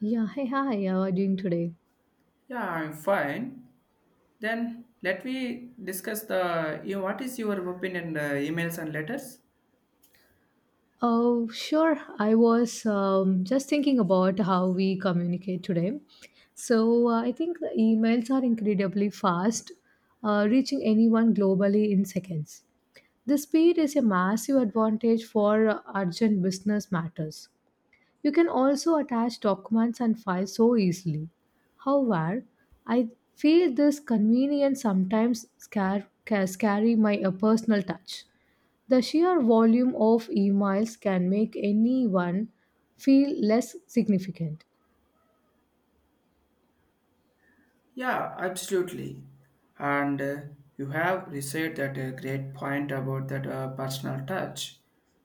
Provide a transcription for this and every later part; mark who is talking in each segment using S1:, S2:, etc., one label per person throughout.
S1: Yeah, hey, hi, how are you doing today?
S2: Yeah, I'm fine. Then let me discuss the you what is your opinion emails and letters?
S1: Oh, sure. I was just thinking about how we communicate today. So I think the emails are incredibly fast, reaching anyone globally in seconds. The speed is a massive advantage for urgent business matters. You can also attach documents and files so easily. However, I feel this convenience sometimes scary my personal touch. The sheer volume of emails can make anyone feel less significant.
S2: Yeah, absolutely. And you have researched that a great point about that personal touch.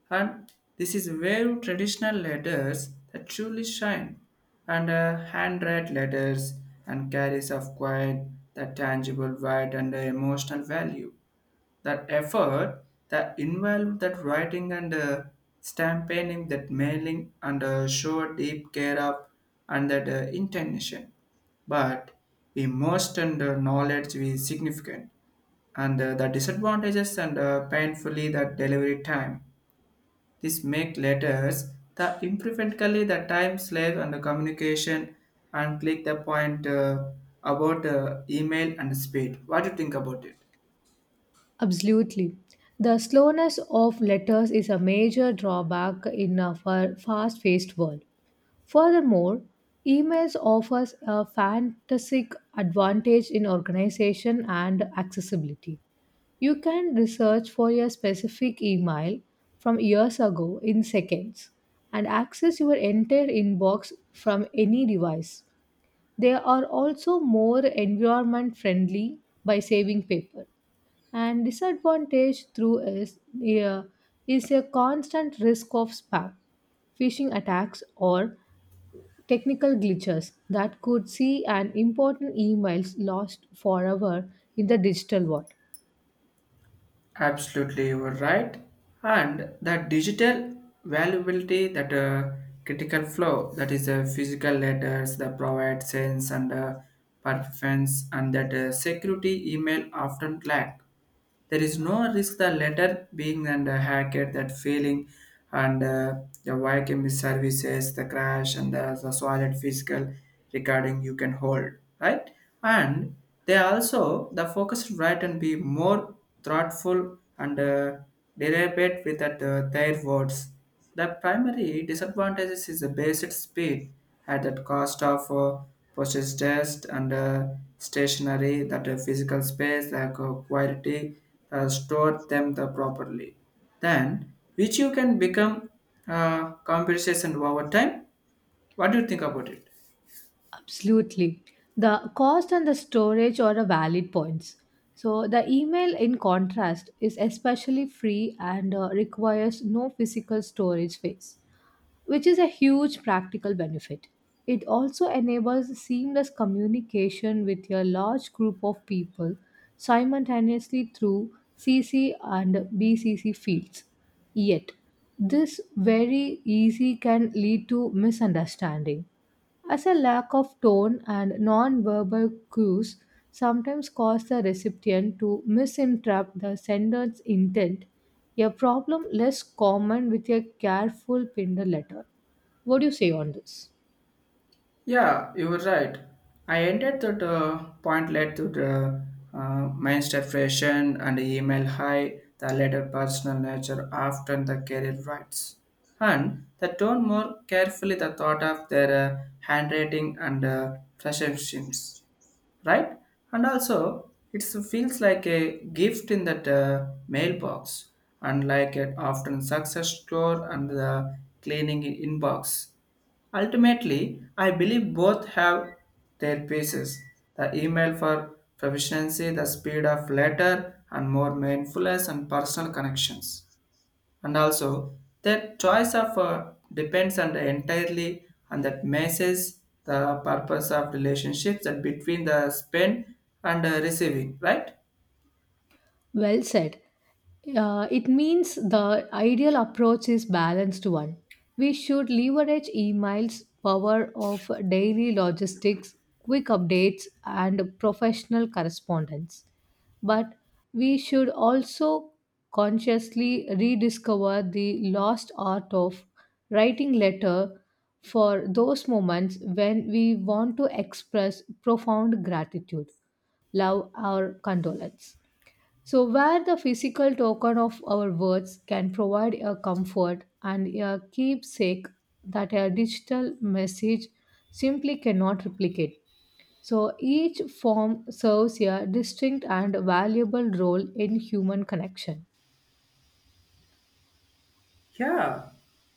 S2: And this is where traditional letters that truly shine. And handwrite letters and carries of quiet, that tangible, wide and emotional value. That effort, that involved that writing and stamping, that mailing and show deep care up and that intention. But the most and knowledge is significant and the disadvantages and painfully that delivery time. This make letters the imperfectly the time slave and the communication and click the point about email and speed. What do you think about it?
S1: Absolutely. The slowness of letters is a major drawback in a fast-paced world. Furthermore, emails offers a fantastic advantage in organization and accessibility. You can research for your specific email from years ago in seconds and access your entire inbox from any device. They are also more environment friendly by saving paper. And disadvantage through is, yeah, is a constant risk of spam phishing attacks or technical glitches that could see an important emails lost forever in the digital world.
S2: Absolutely, you were right. And that digital valuability, that critical flow, that is a physical letters that provide sense and performance, and that security email often lack. There is no risk the letter being and hacked, that failing, and the YKM services, the crash, and the solid physical recording you can hold, right? And they also the focused right and be more thoughtful and deliberate with that their words. The primary disadvantages is the basic speed at the cost of postage test and stationery, that physical space, the quality, store them the properly. Then, which you can become compensation over time. What do you think about it?
S1: Absolutely, the cost and the storage are a valid points. So the email in contrast is especially free and requires no physical storage space, which is a huge practical benefit. It also enables seamless communication with your large group of people simultaneously through CC and BCC fields. Yet, this very easy can lead to misunderstanding as a lack of tone and non-verbal cues sometimes cause the recipient to misinterpret the sender's intent, a problem less common with a careful Pinder letter. What do you say on this?
S2: Yeah, you were right. I ended that point led to the mind depression and email high, the later personal nature often the career rights. And they tone more carefully the thought of their handwriting and perceptions, right? And also, it feels like a gift in that mailbox, unlike it often success store and the cleaning inbox. Ultimately, I believe both have their pieces. The email for proficiency, the speed of letter, and more mindfulness and personal connections. And also, their choice of depends on the entirely on that message, the purpose of relationships that between the spend and receiving, right?
S1: Well said. It means the ideal approach is balanced one. We should leverage emails, power of daily logistics, quick updates, and professional correspondence. But we should also consciously rediscover the lost art of writing letter for those moments when we want to express profound gratitude, love, or condolence. So, where the physical token of our words can provide a comfort and a keepsake that a digital message simply cannot replicate. So, each form serves a distinct and valuable role in human connection.
S2: Yeah,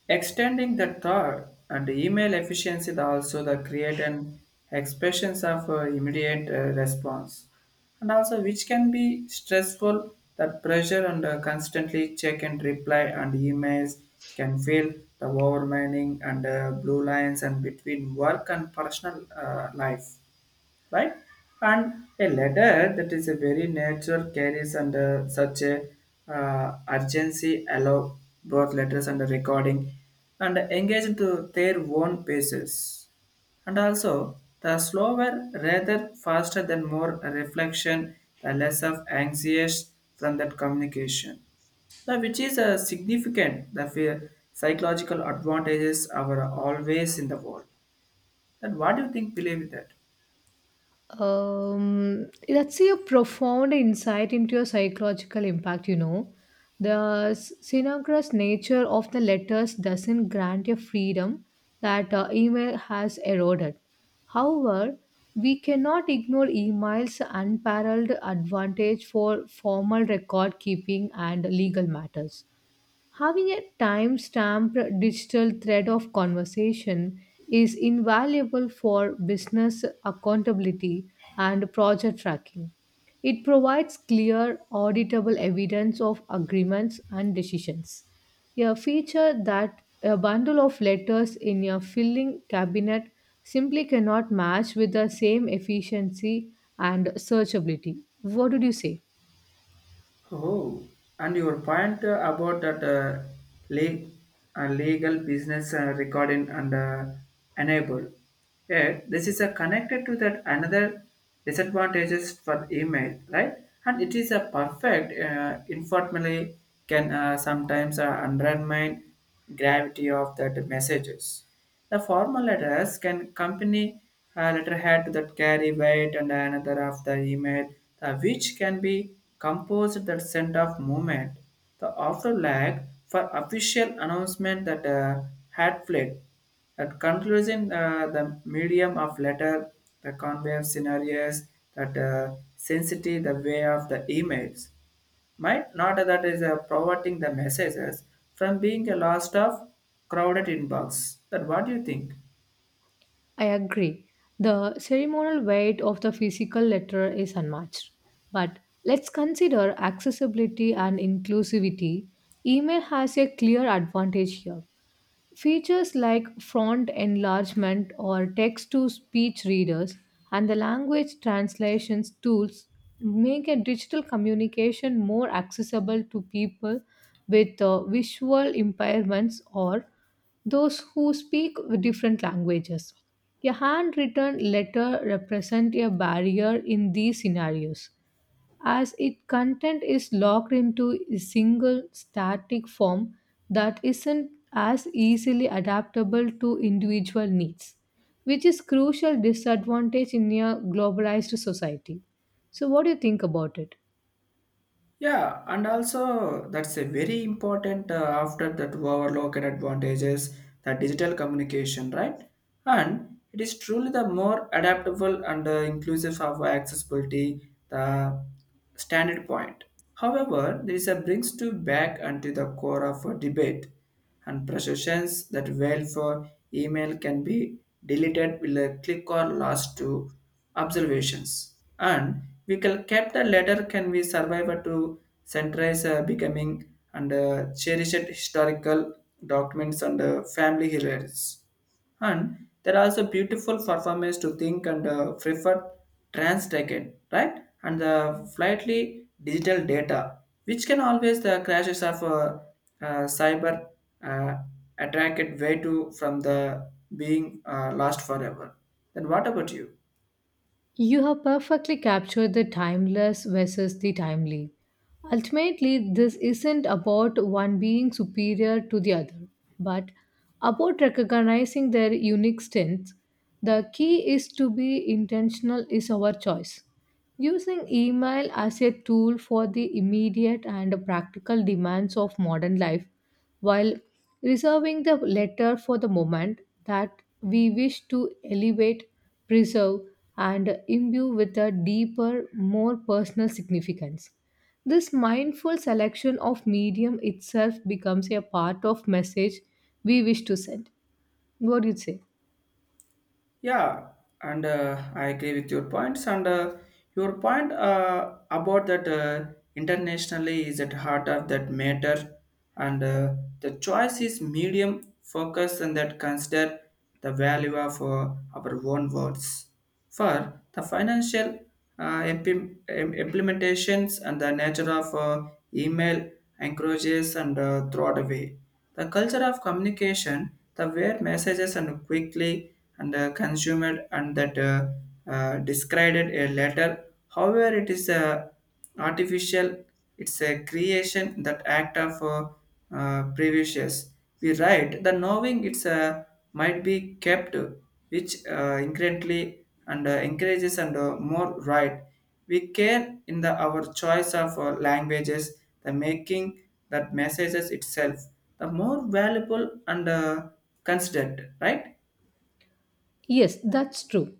S2: extending the thought and email efficiency is also the create and expressions of immediate response and also which can be stressful that pressure and constantly check and reply and emails can feel the overwhelming and blue lines and between work and personal life, right? And a letter that is a very natural carries under such a urgency allow both letters and the recording and engage into their own paces. And also the slower rather faster than more reflection, the less of anxious from that communication. The which is a significant the psychological advantages are always in the world. Then what do you think believe that?
S1: That's a profound insight into your psychological impact, you know. The synchronous nature of the letters doesn't grant a freedom that email has eroded. However, we cannot ignore email's unparalleled advantage for formal record keeping and legal matters. Having a timestamped digital thread of conversation is invaluable for business accountability and project tracking. It provides clear, auditable evidence of agreements and decisions. A feature that a bundle of letters in a filing cabinet simply cannot match with the same efficiency and searchability. What did you say?
S2: Oh, and your point about that le- legal business recording and enable. Yeah, this is connected to that another disadvantages for email, right? And it is a perfect informally can sometimes undermine gravity of that messages. The formal letters can accompany a letterhead that carry weight and another of the email, the which can be composed that sent off movement. The after lag for official announcement that had fled. That concludes in the medium of letter, the convey of scenarios, that sensitivity, the way of the emails might not that is providing the messages from being a lost of crowded inbox that what do you think?
S1: I agree. The ceremonial weight of the physical letter is unmatched. But let's consider accessibility and inclusivity. Email has a clear advantage here. Features like font enlargement or text to speech readers and the language translations tools make a digital communication more accessible to people with visual impairments or those who speak different languages. A handwritten letter represents a barrier in these scenarios as its content is locked into a single static form that isn't as easily adaptable to individual needs, which is crucial disadvantage in a globalized society. So what do you think about it?
S2: Yeah, and also that's a very important after that overlooked advantages the digital communication, right? And it is truly the more adaptable and inclusive of accessibility the standard point. However, there is a brings to back and to the core of a debate and perceptions that well for email can be deleted with a click or last to observations. And we can kept the letter can be survivor to centralize becoming and cherished historical documents and family heroes, and there are also beautiful performers to think and prefer trans again, right? And the slightly digital data, which can always the crashes of cyber uh, attracted way to from the being lost forever. Then what about you?
S1: You have perfectly captured the timeless versus the timely. Ultimately, this isn't about one being superior to the other, but about recognizing their unique strengths. The key is to be intentional is our choice. Using email as a tool for the immediate and practical demands of modern life while reserving the latter for the moment that we wish to elevate, preserve, and imbue with a deeper, more personal significance. This mindful selection of medium itself becomes a part of message we wish to send. What do you say?
S2: Yeah, and I agree with your points. And your point about that internationally is at heart of that matter, and the choice is medium focus and that consider the value of our own words for the financial implementations and the nature of email encourages and throw it away the culture of communication, the where messages and quickly and consumed and that described a letter. However, it is a artificial. It's a creation that act of previous. We write the knowing it's a might be kept, which incrementally and encourages and more right. We care in the our choice of languages, the making that messages itself the more valuable and considered, right?
S1: Yes, that's true.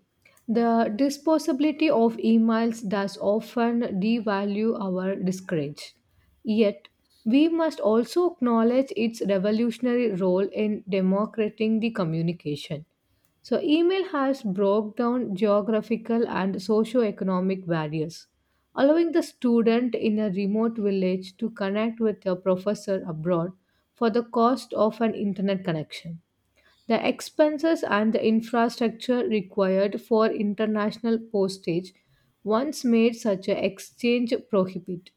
S1: The disposability of emails does often devalue our discourage. Yet, we must also acknowledge its revolutionary role in democratizing the communication. So, email has broke down geographical and socio-economic barriers, allowing the student in a remote village to connect with a professor abroad for the cost of an internet connection. The expenses and the infrastructure required for international postage once made such an exchange prohibit.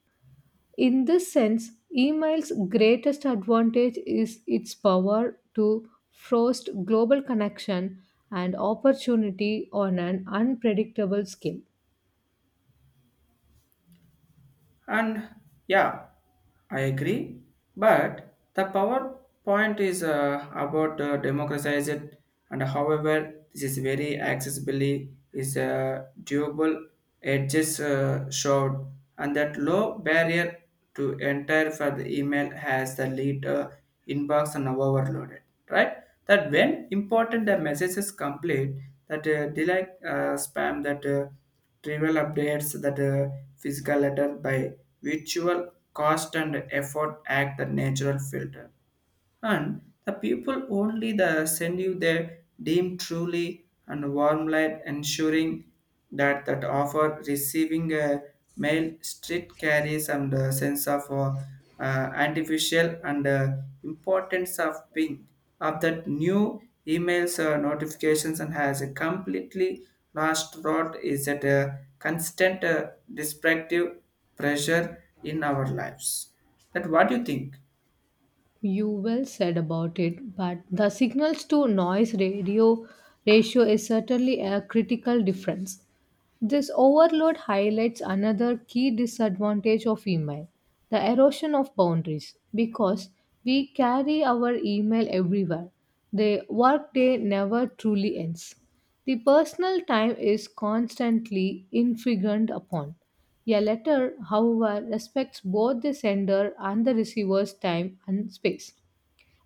S1: In this sense, email's greatest advantage is its power to foster global connection and opportunity on an unpredictable scale.
S2: And yeah, I agree. But the PowerPoint is about democratize it, and however, this is very accessibly is doable. Edges showed, and that low barrier to enter for the email has the lead inbox and overloaded. Right? That when important the message is complete, that delay spam that trivial updates that physical letter by virtual cost and effort act the natural filter and the people only the send you their deem truly and warm light ensuring that that offer receiving a mail street carries and a sense of artificial and importance of being of that new emails notifications and has a completely lost rot is that a constant destructive pressure in our lives, that what do you think?
S1: You well said about it, but the signals to noise radio ratio is certainly a critical difference. This overload highlights another key disadvantage of email, the erosion of boundaries because we carry our email everywhere. The workday never truly ends. The personal time is constantly infringed upon. A letter, however, respects both the sender and the receiver's time and space.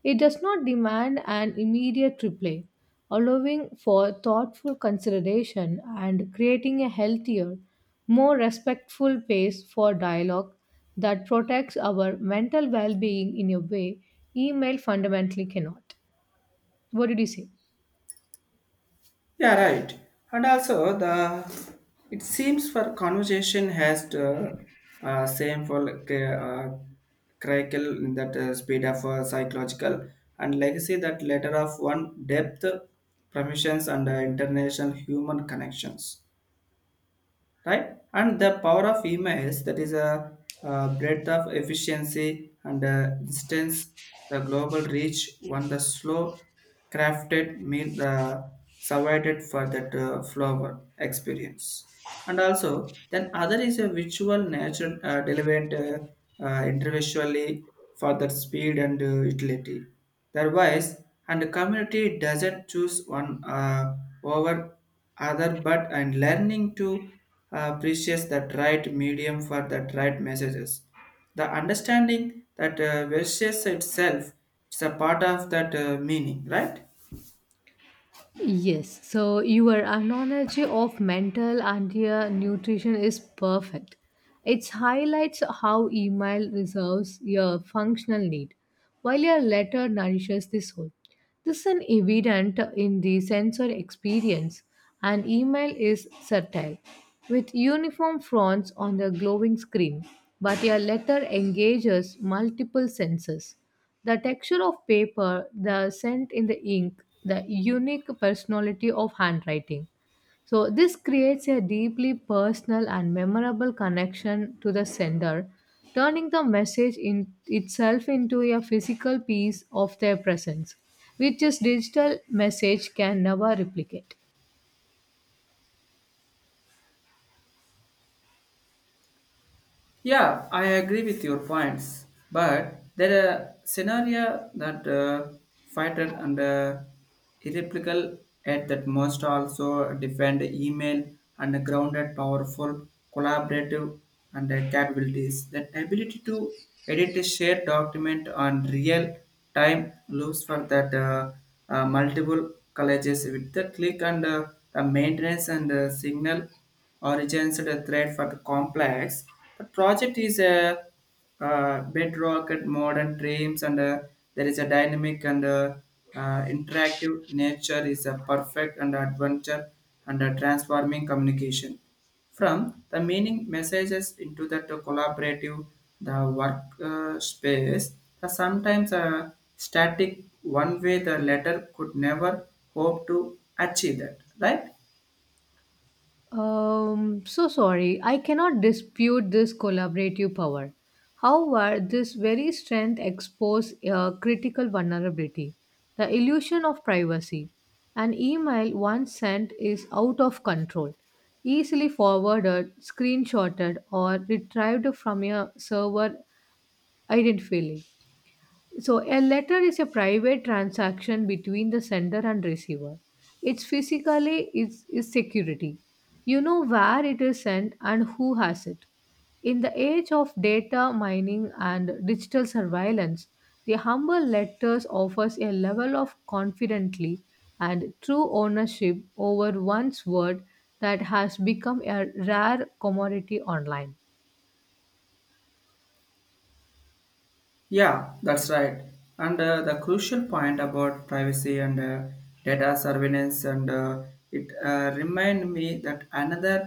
S1: It does not demand an immediate reply, allowing for thoughtful consideration and creating a healthier, more respectful pace for dialogue that protects our mental well being in a way email fundamentally cannot. What did you say?
S2: Yeah, right. And also the it seems for conversation has the same for like crackle in that speed of psychological and legacy that letter of one depth permissions and international human connections, right? And the power of emails that is a, breadth of efficiency and instance the global reach one the slow crafted meal the survived for that flower experience and also then other is a virtual nature relevant individually for that speed and utility otherwise and the community doesn't choose one over other but and learning to appreciate that right medium for that right messages the understanding that versus itself it's a part of that meaning, right?
S1: Yes, so your analogy of mental and your nutrition is perfect. It highlights how email reserves your functional need, while your letter nourishes the soul. This is evident in the sensory experience, and email is subtle, with uniform fronts on the glowing screen, but your letter engages multiple senses. The texture of paper, the scent in the ink, the unique personality of handwriting. So, this creates a deeply personal and memorable connection to the sender, turning the message in itself into a physical piece of their presence, which is digital message can never replicate.
S2: Yeah, I agree with your points, but there are scenario that fighter and irreplicable at that must also defend email and grounded powerful collaborative and capabilities. That ability to edit a shared document on real time loops for that multiple colleges with the click and the maintenance and signal origins and a thread for the complex. The project is a bedrock at modern dreams, and there is a dynamic and interactive nature is a perfect and adventure and a transforming communication. From the meaning messages into the to collaborative, the work space, the sometimes a static one way the letter could never hope to achieve that, right?
S1: So sorry, I cannot dispute this collaborative power. However, this very strength exposes a critical vulnerability, the illusion of privacy. An email once sent is out of control, easily forwarded, screenshotted, or retrieved from a server identifiably. So, a letter is a private transaction between the sender and receiver. It's physically is security. You know where it is sent and who has it. In the age of data mining and digital surveillance, the humble letters offers a level of confidently and true ownership over one's word that has become a rare commodity online.
S2: Yeah, that's right. And the crucial point about privacy and data surveillance and it remind me that another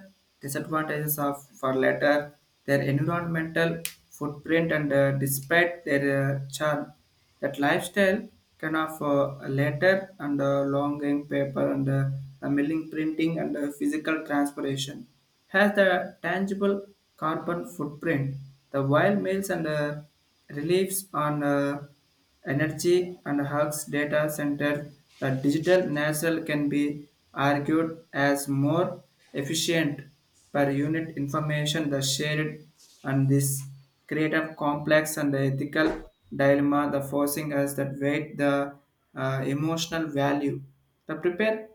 S2: disadvantages of for later their environmental footprint and despite their charm. That lifestyle can of letter and longing paper and the milling printing and physical transpiration has the tangible carbon footprint. The wild meals and reliefs on. Energy and hugs Data Center, the digital nasal can be argued as more efficient per unit information the shared and this create a complex and the ethical dilemma the forcing us that weight the emotional value the prepare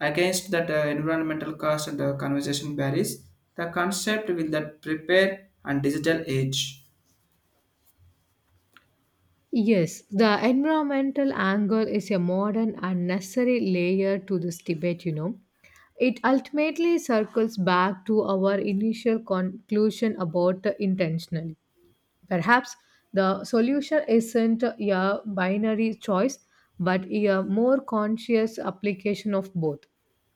S2: against that environmental cost and the conversation barriers the concept with that prepare and digital age.
S1: Yes, the environmental angle is a modern unnecessary layer to this debate, you know. It ultimately circles back to our initial conclusion about the intentional. Perhaps the solution isn't a binary choice, but a more conscious application of both.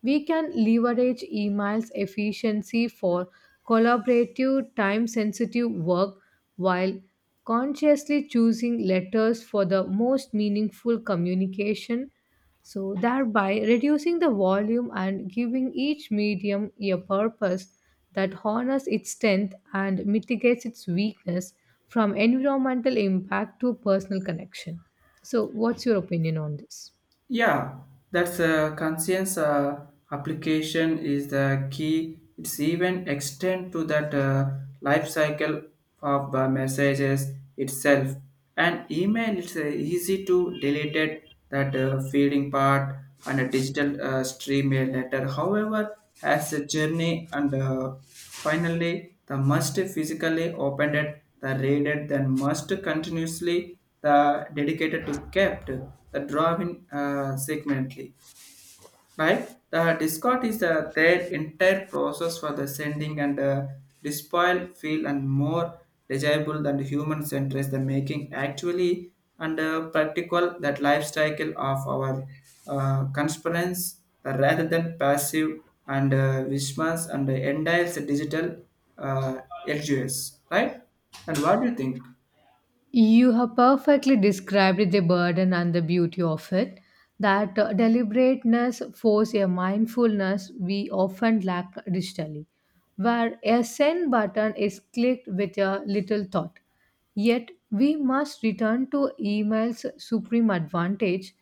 S1: We can leverage email's efficiency for collaborative, time sensitive work while consciously choosing letters for the most meaningful communication. So, thereby reducing the volume and giving each medium a purpose that honors its strength and mitigates its weakness from environmental impact to personal connection. So, what's your opinion on this?
S2: Yeah, that's a conscience application is the key. It's even extend to that life cycle of messages itself. And email, it's easy to delete it, that feeding part and a digital stream mail letter. However, has a journey and finally, the must physically opened it, the raided, then must continuously the dedicated to kept the drawing segmently, right? The Discord is their entire process for the sending and despoil feel and more desirable than the human centers the making actually and practical that life cycle of our conspirants rather than passive and vishmas and the entire digital uh, LGS, right? And what do you think?
S1: You have perfectly described the burden and the beauty of it. That deliberateness forces a mindfulness we often lack digitally, where a send button is clicked with a little thought. Yet we must return to email's supreme advantage,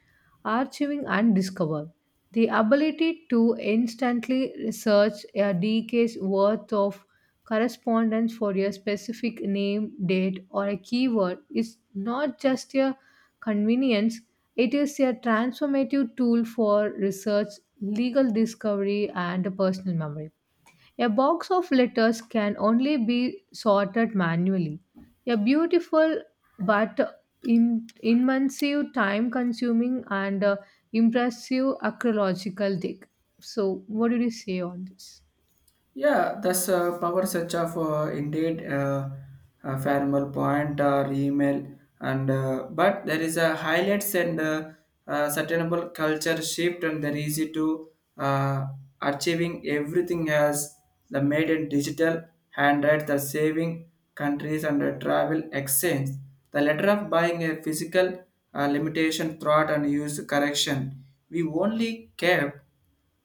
S1: archiving and discover. The ability to instantly search a decade's worth of correspondence for a specific name, date, or a keyword is not just a convenience, it is a transformative tool for research, legal discovery, and personal memory. A box of letters can only be sorted manually. A beautiful but immensive, time consuming, and impressive archaeological dig. So, what do you say on this?
S2: Yeah, that's a power such of indeed, a formal point or email, and but there is a highlights and sustainable culture shift, and they're easy to uh, achieving everything as the made in digital hand at the saving countries and the travel exchange. The letter of buying a physical limitation thought and use correction. We only kept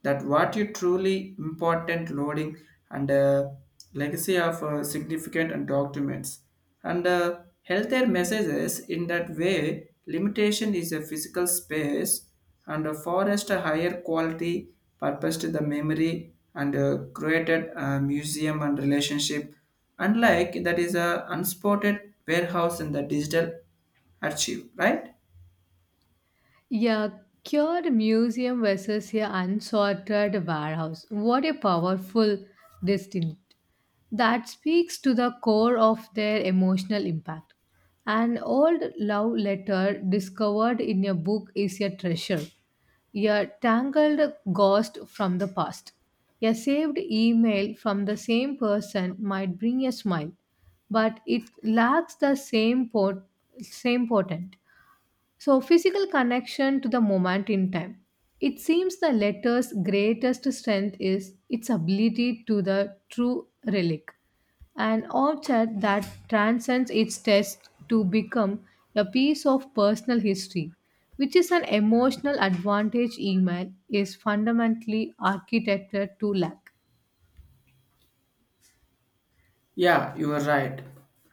S2: that what you truly important loading and legacy of significant and documents and healthcare messages in that way limitation is a physical space and a forest a higher quality purpose to the memory and created a museum and relationship unlike that is a unspotted warehouse in the digital archive, right?
S1: Yeah, cured museum versus your unsorted warehouse. What a powerful distinct. That speaks to the core of their emotional impact. An old love letter discovered in a book is a treasure, a tangled ghost from the past. A saved email from the same person might bring a smile, but it lacks the same potent. So, physical connection to the moment in time. It seems the letter's greatest strength is its ability to the true relic, an object that transcends its test to become a piece of personal history, which is an emotional advantage email is fundamentally architected to lack.
S2: Yeah, you are right.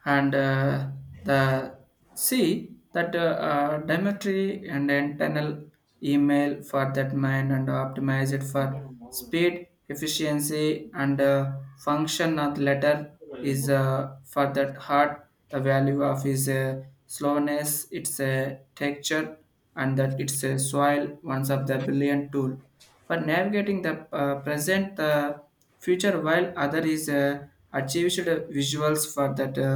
S2: And the see that Dimitri and internal email for that mind and optimize it for speed, efficiency, and function of the letter is, for that heart. The value of is, slowness, its a texture, and that it's a soil. Once of the billion tool for navigating the, present the future while other is, achieved visuals for that uh,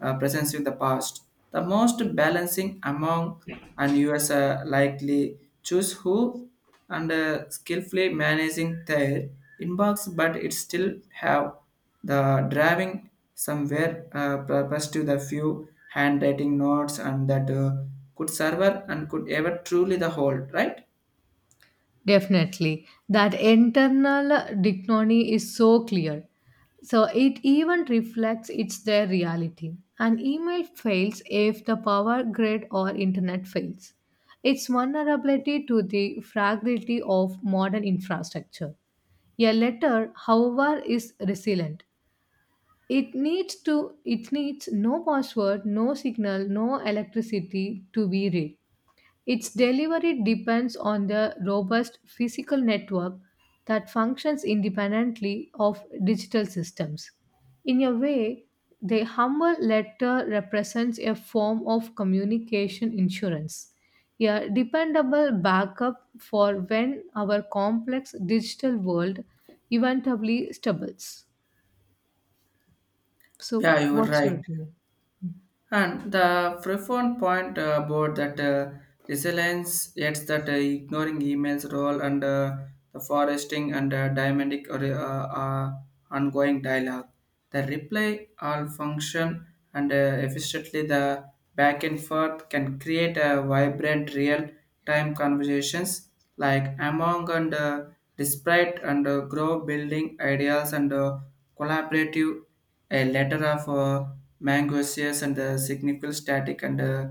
S2: uh, presence with the past, the most balancing among and us, likely choose who and skillfully managing their inbox, but it still have the driving somewhere, purpose to the few handwriting notes and that, could server and could ever truly the hold, right?
S1: Definitely. That internal dichotomy is so clear. So it even reflects it's their reality. An email fails if the power grid or internet fails. Its vulnerability to the fragility of modern infrastructure. A letter, however, is resilient. It needs no password, no signal, no electricity to be read. Its delivery depends on the robust physical network that functions independently of digital systems. In a way, the humble letter represents a form of communication insurance, a dependable backup for when our complex digital world eventually stumbles. So,
S2: Yeah, you were
S1: what's your
S2: right.
S1: opinion?
S2: And the profound point about that, resilience, yet that ignoring emails role and the foresting and dynamic or uh, ongoing dialogue, the reply all function and efficiently the back and forth can create a vibrant real time conversations like among and despite and grow building ideas and collaborative a letter of Mangusius and the significant static and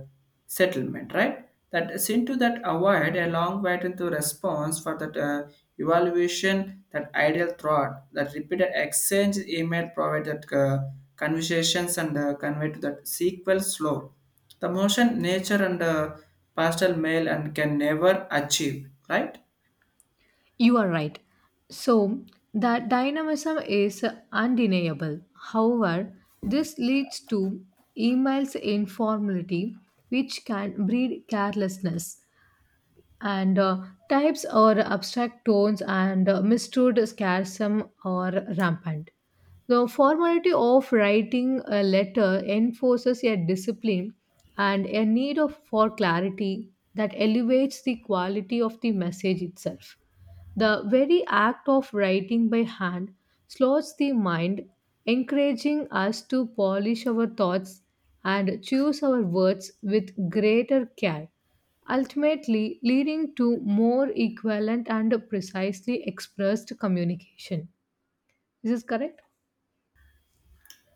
S2: settlement, right? That seem to that avoid a long wait into response for that, evaluation, that ideal thought, that repeated exchange email provide that, conversations and convey to that sequel slow. The motion, nature and pastel mail and can never achieve, right?
S1: You are right. So, that dynamism is undeniable. However, this leads to emails informality, which can breed carelessness. And types or abstract tones and mistood scarsome or rampant. The formality of writing a letter enforces a discipline and a for clarity that elevates the quality of the message itself. The very act of writing by hand slows the mind, encouraging us to polish our thoughts and choose our words with greater care, ultimately leading to more equivalent and precisely expressed communication. Is this correct?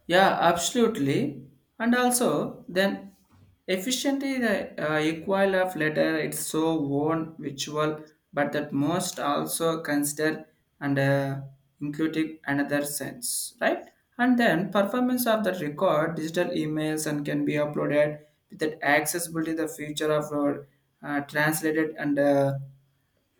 S2: Yeah, absolutely. And also, then efficiently the equal of letter it's so one virtual, but that most also consider and including another sense, right? And then performance of the record, digital emails, and can be uploaded with that accessibility. The future of translated and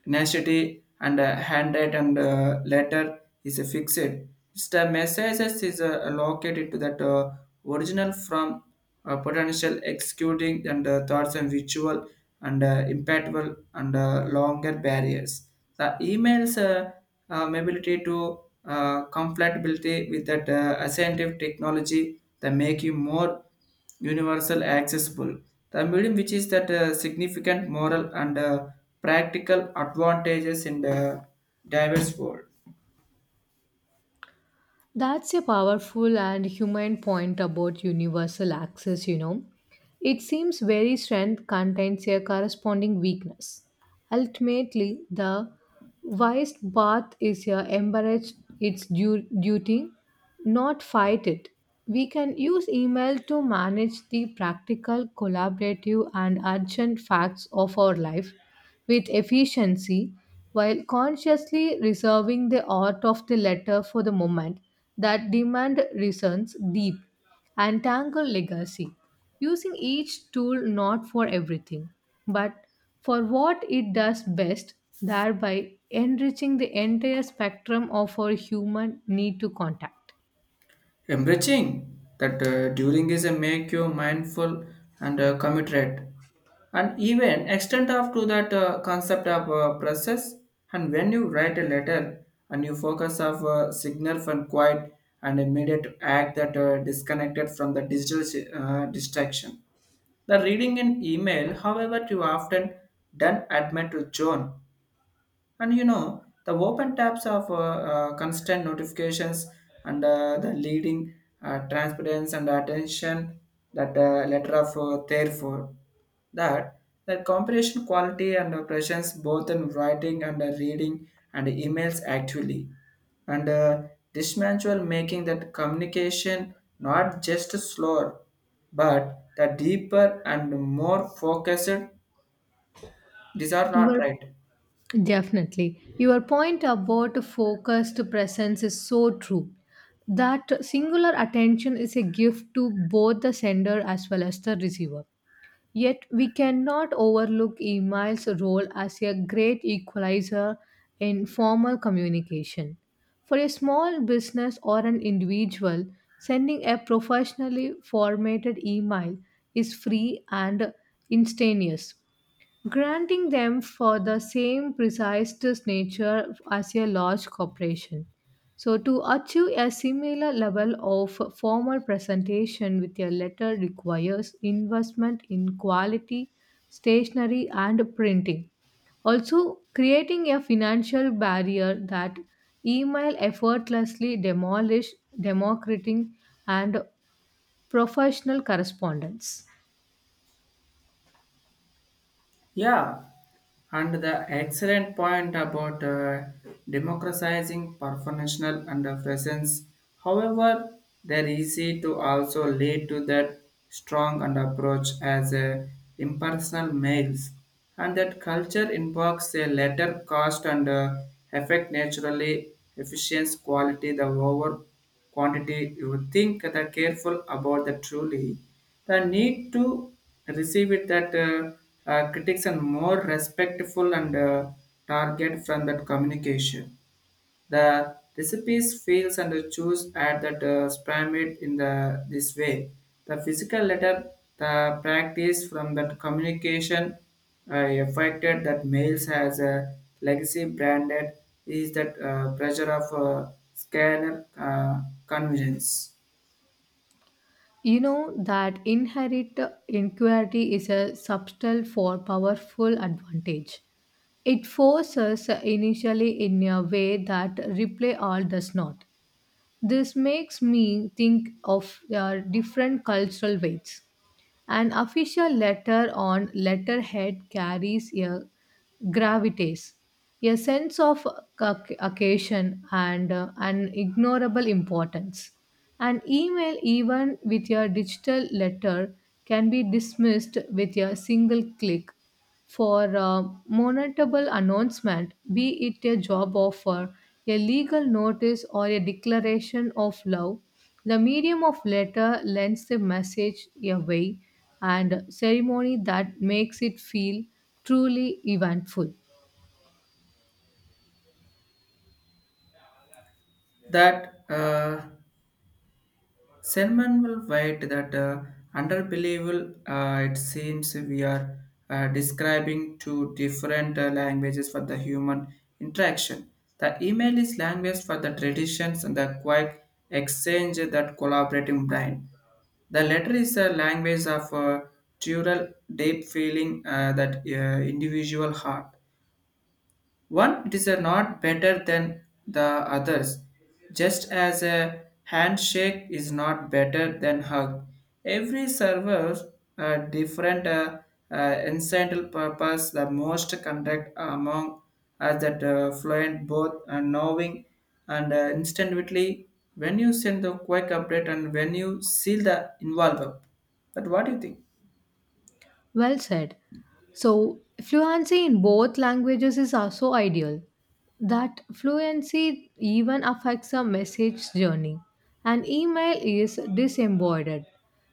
S2: tenacity and handwrite and letter is, fixed. It's the messages is allocated to that, original from potential executing and thoughts and visual and impactful and longer barriers. The emails ability to compatibility with that ascendant technology that make you more universal accessible. The medium which is that significant moral and practical advantages in the diverse world.
S1: That's a powerful and humane point about universal access, you know. It seems very strength contains a corresponding weakness. Ultimately, the wise path is embrace its duty, not fight it. We can use email to manage the practical, collaborative, and urgent facts of our life with efficiency while consciously reserving the art of the letter for the moment that demand reasons deep and Tangle Legacy, using each tool not for everything, but for what it does best, thereby enriching the entire spectrum of our human need to contact.
S2: Embracing that during is a make you mindful and committed, and even extend up to that concept of process. And when you write a letter and you focus of signal from quiet and immediate act that disconnected from the digital distraction. The reading an email, however, too often done admit to John and you know, the open tabs of constant notifications and the leading, transparency and attention that letter of therefore that comprehension quality and presence both in writing and reading and emails actually and this manual making that communication not just slower but the deeper and more focused, these are not,
S1: Your
S2: right?
S1: definitely your point about focused presence is so true. That singular attention is a gift to both the sender as well as the receiver. Yet, we cannot overlook email's role as a great equalizer in formal communication. For a small business or an individual, sending a professionally formatted email is free and instantaneous granting them for the same precise nature as a large corporation. So, to achieve a similar level of formal presentation with a letter requires investment in quality, stationery, and printing. Also, creating a financial barrier that email effortlessly demolish democratic and professional correspondence.
S2: Yeah, and the excellent point about democratizing professional and the presence. However, they're easy to also lead to that strong and approach as impersonal males, and that culture invokes a latter cost and effect naturally efficiency quality the over quantity. You think the careful about the truly the need to receive it that critics and more respectful and target from that communication. The recipes feels and the choose at that, spam it in the this way. The physical letter, the practice from that communication, uh, affected that males has a legacy branded is that, pressure of scanner, convenience,
S1: You know that inherent inquiry is a subtle for powerful advantage. It forces initially in a way that replay all does not. This makes me think of different cultural weights. An official letter on letterhead carries a gravitas, a sense of occasion, and an ignorable importance. An email, even with a digital letter, can be dismissed with a single click for monetable announcement, be it a job offer, a legal notice, or a declaration of love. The medium of letter lends the message a way and ceremony that makes it feel truly eventful.
S2: that Selman will write that, underbelievable. It seems we are describing two different languages for the human interaction. The email is language for the traditions and the quiet exchange that collaborating brain. The letter is a language of dual deep feeling, that individual heart. One it is a not better than the others, just as a handshake is not better than hug. Every server a different incidental purpose. The most conduct among us that fluent both and knowing and instantly when you send the quick update and when you seal the involve up. But what do you think?
S1: Well said. So, fluency in both languages is also ideal. That fluency even affects a message journey. An email is disembodied,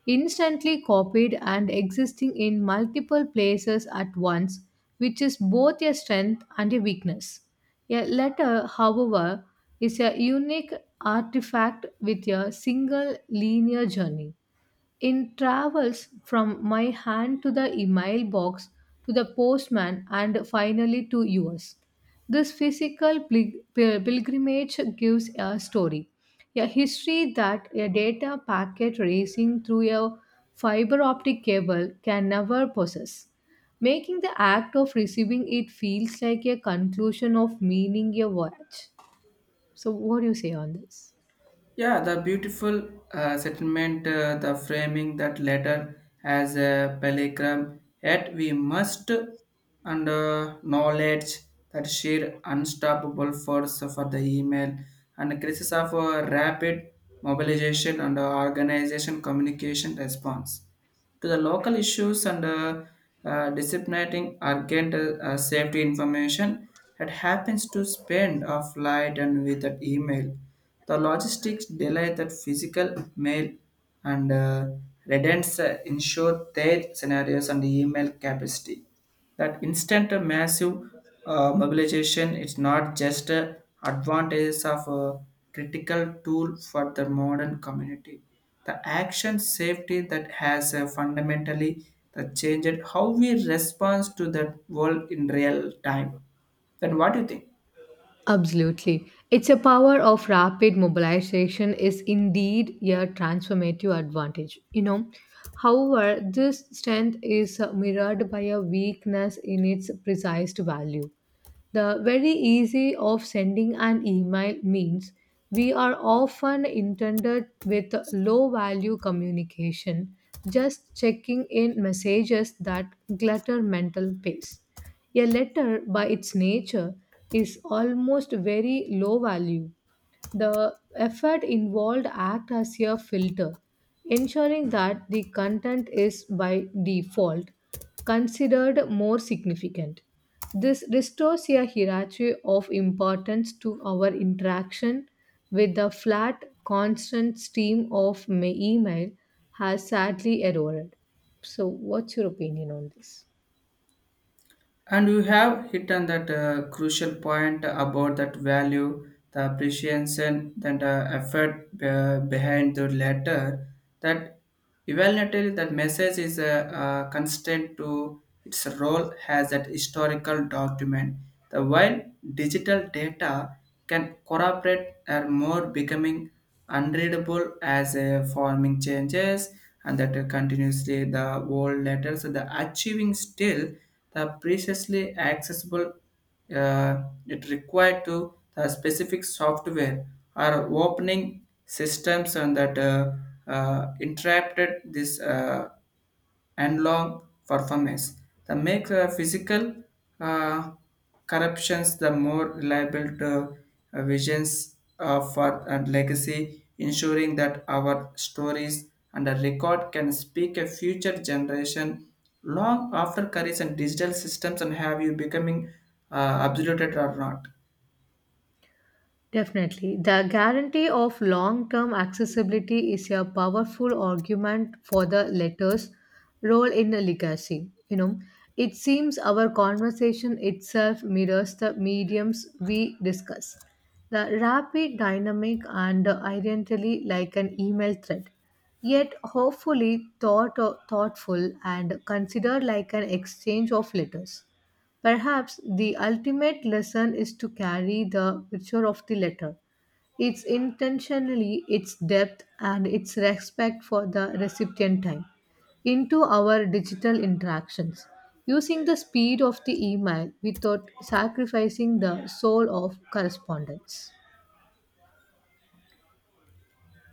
S1: instantly copied, and existing in multiple places at once, which is both a strength and a weakness. A letter, however, is a unique artifact with a single linear journey. In travels from my hand to the email box, to the postman, and finally to yours. This physical pilgrimage gives a story, a history that a data packet racing through a fiber optic cable can never possess, making the act of receiving it feels like a conclusion of meaning your voyage. So, what do you say on this?
S2: Yeah, the beautiful settlement, the framing that letter as a peligram, yet we must and knowledge that sheer unstoppable force for the email and crisis of rapid mobilization and organization communication response to the local issues and disseminating urgent safety information that happens to spend of light and with that email. The logistics delay that physical mail and redundancy ensure their scenarios and email capacity. That instant massive mobilization is not just a advantages of a critical tool for the modern community. The action safety that has fundamentally the changed how we respond to that world in real time. Then what do you think?
S1: Absolutely. It's a power of rapid mobilization is indeed a transformative advantage. You know, however, this strength is mirrored by a weakness in its precise value. The very easy of sending an email means we are often intended with low value communication, just checking in messages that clutter mental space. A letter, by its nature, is almost very low value. The effort involved act as a filter, ensuring that the content is by default considered more significant. This restores a hierarchy of importance to our interaction with the flat, constant stream of email has sadly eroded. So, what's your opinion on this?
S2: And you have hit on that crucial point about that value, the appreciation, and the effort behind the letter. That evaluatively, that message is a, constant to its role as that historical document. The while digital data can corroborate are more becoming unreadable as a forming changes and that continuously the old letters the achieving still the previously accessible, it required to the specific software or opening systems and that interrupted this. And long performance. The make, physical uh, corruptions the more reliable to, visions, for and legacy, ensuring that our stories and the record can speak a future generation long after careers and digital systems and have you becoming, obsoleted or not.
S1: Definitely. The guarantee of long term accessibility is a powerful argument for the letter's role in the legacy. You know, it seems our conversation itself mirrors the mediums we discuss. The rapid, dynamic, and identically like an email thread, yet thoughtful and considered like an exchange of letters. Perhaps the ultimate lesson is to carry the picture of the letter, its intentionally, its depth, and its respect for the recipient time into our digital interactions, using the speed of the email without sacrificing the soul of correspondence.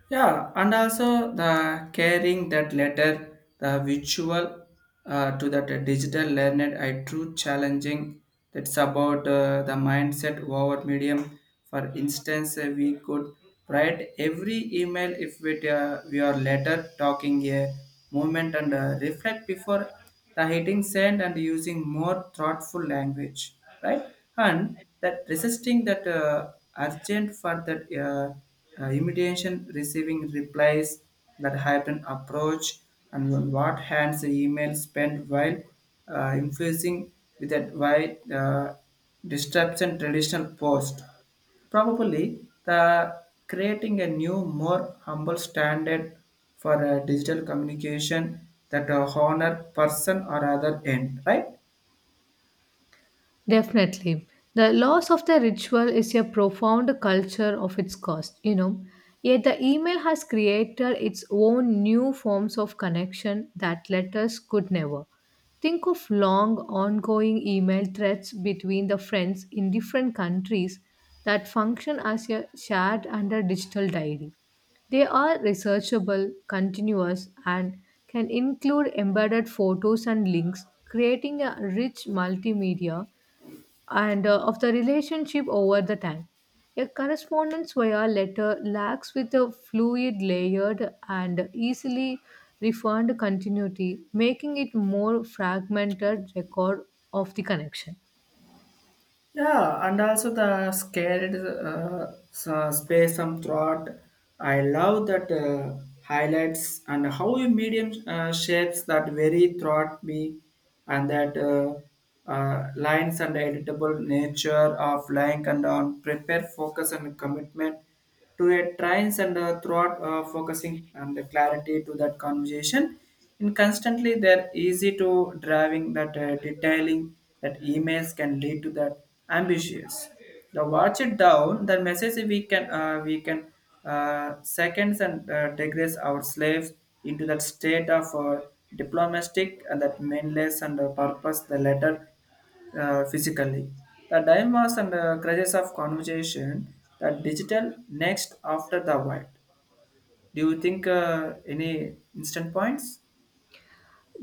S2: Yeah, and also the carrying that letter, the visual, to that digital learned, I true challenging. That's about the mindset over medium. For instance, we could write every email if we are later talking a moment and reflect before the hitting send and using more thoughtful language, right? And that resisting that urgent for that imitation, receiving replies, that hybrid approach, and on what hands the email spent while influencing with that wide disruption traditional post. Probably the creating a new, more humble standard for a digital communication that honor person or other end, right?
S1: Definitely. The loss of the ritual is a profound culture of its cost, you know. Yet the email has created its own new forms of connection that letters could never. Think of long, ongoing email threads between the friends in different countries that function as a shared and a digital diary. They are researchable, continuous, and can include embedded photos and links, creating a rich multimedia and of the relationship over the time. A correspondence via letter lacks with a fluid, layered, and easily refined continuity, making it more fragmented record of the connection.
S2: Yeah, and also the scared space some thought. I love that highlights and how a medium shapes that very thought me and that lines and editable nature of lying and on prepare focus and commitment to a trains and throughout, focusing and the clarity to that conversation and constantly they're easy to driving that detailing that emails can lead to that ambitious the watch it down the message we can seconds and digress our slaves into that state of diplomatic and that meaningless and purpose the letter, physically. The dilemmas and crutches of conversation, the digital next after the white. Do you think any instant points?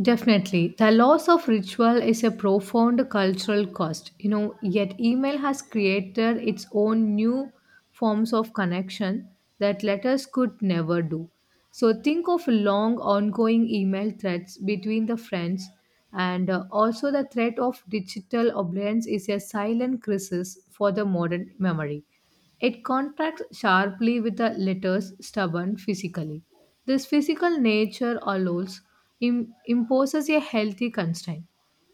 S1: Definitely. The loss of ritual is a profound cultural cost, you know, yet email has created its own new forms of connection that letters could never do. So think of long ongoing email threads between the friends and also the threat of digital oblivion is a silent crisis for the modern memory. It contrasts sharply with the letter's stubborn physically. This physical nature allows imposes a healthy constraint.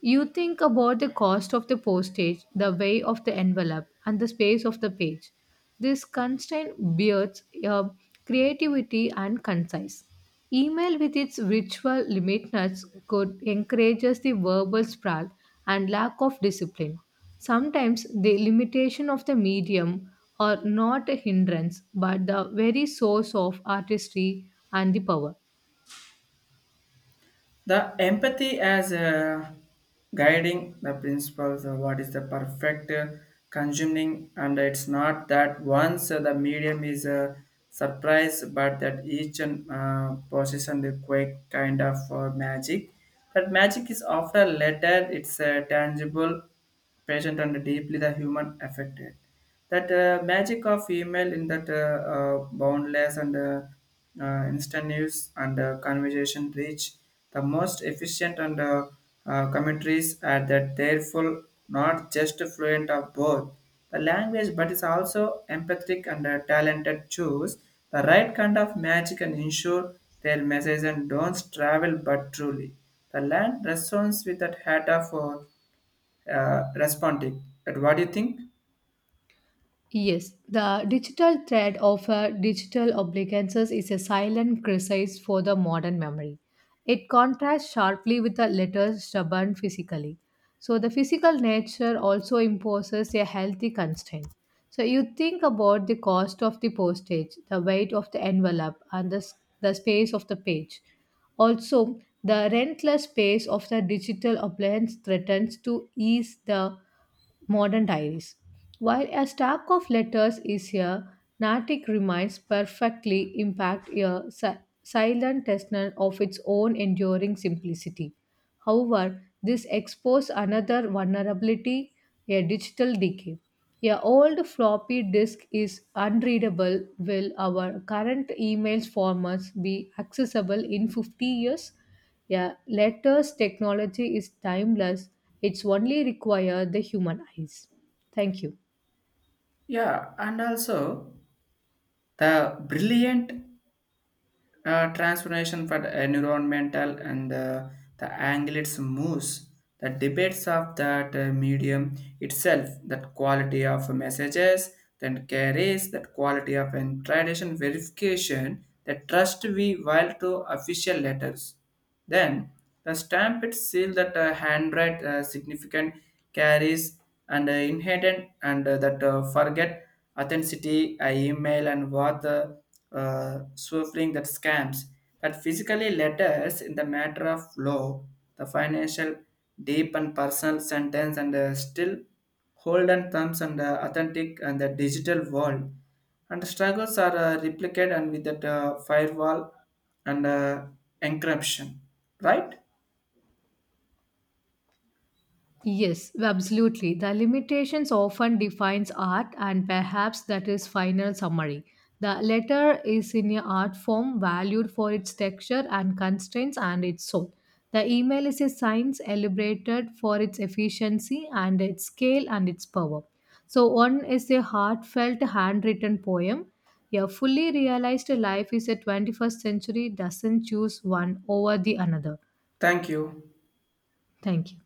S1: You think about the cost of the postage, the weight of the envelope, and the space of the page. This constraint beards creativity and concise. Email with its ritual limitness could encourages the verbal sprawl and lack of discipline. Sometimes the limitation of the medium are not a hindrance but the very source of artistry and the power.
S2: The empathy as a guiding the principles of what is the perfect consuming and it's not that once the medium is a surprise but that each and possession the quick kind of magic, that magic is after later it's tangible patient and deeply the human affected that magic of email in that boundless and instant news and conversation reach the most efficient and commentaries are that therefore not just fluent of both the language but is also empathic and talented choose the right kind of magic and ensure their message and don't travel but truly the land responds with that hat of responding, but what do you think?
S1: Yes, the digital thread of digital obligations is a silent crisis for the modern memory. It contrasts sharply with the letters stubborn physically. So the physical nature also imposes a healthy constraint. So you think about the cost of the postage, the weight of the envelope, and the space of the page. Also, the rentless space of the digital appliance threatens to ease the modern diaries. While a stack of letters is here, Natick reminds perfectly impact a silent testament of its own enduring simplicity. However, this exposes another vulnerability, a digital decay. A old floppy disk is unreadable. Will our current emails formats be accessible in 50 years? Yeah, letters technology is timeless. It's only require the human eyes. Thank you.
S2: Yeah, and also the brilliant transformation for the environmental and the anglets moves the debates of that medium itself that quality of messages then carries that quality of and tradition verification that trust we while to official letters then the stamp it seal that handwrite, significant carries and inherent and that, forget authenticity, email and what the swerving that scams that physically letters in the matter of law, the financial deep and personal sentence and still hold and thumbs and authentic and the digital world and struggles are replicated and with that firewall and encryption, right?
S1: Yes, absolutely. The limitations often defines art and perhaps that is final summary. The letter is in a art form valued for its texture and constraints and its soul. The email is a science celebrated for its efficiency and its scale and its power. So one is a heartfelt handwritten poem. A fully realized life is a 21st century doesn't choose one over the another.
S2: Thank you.
S1: Thank you.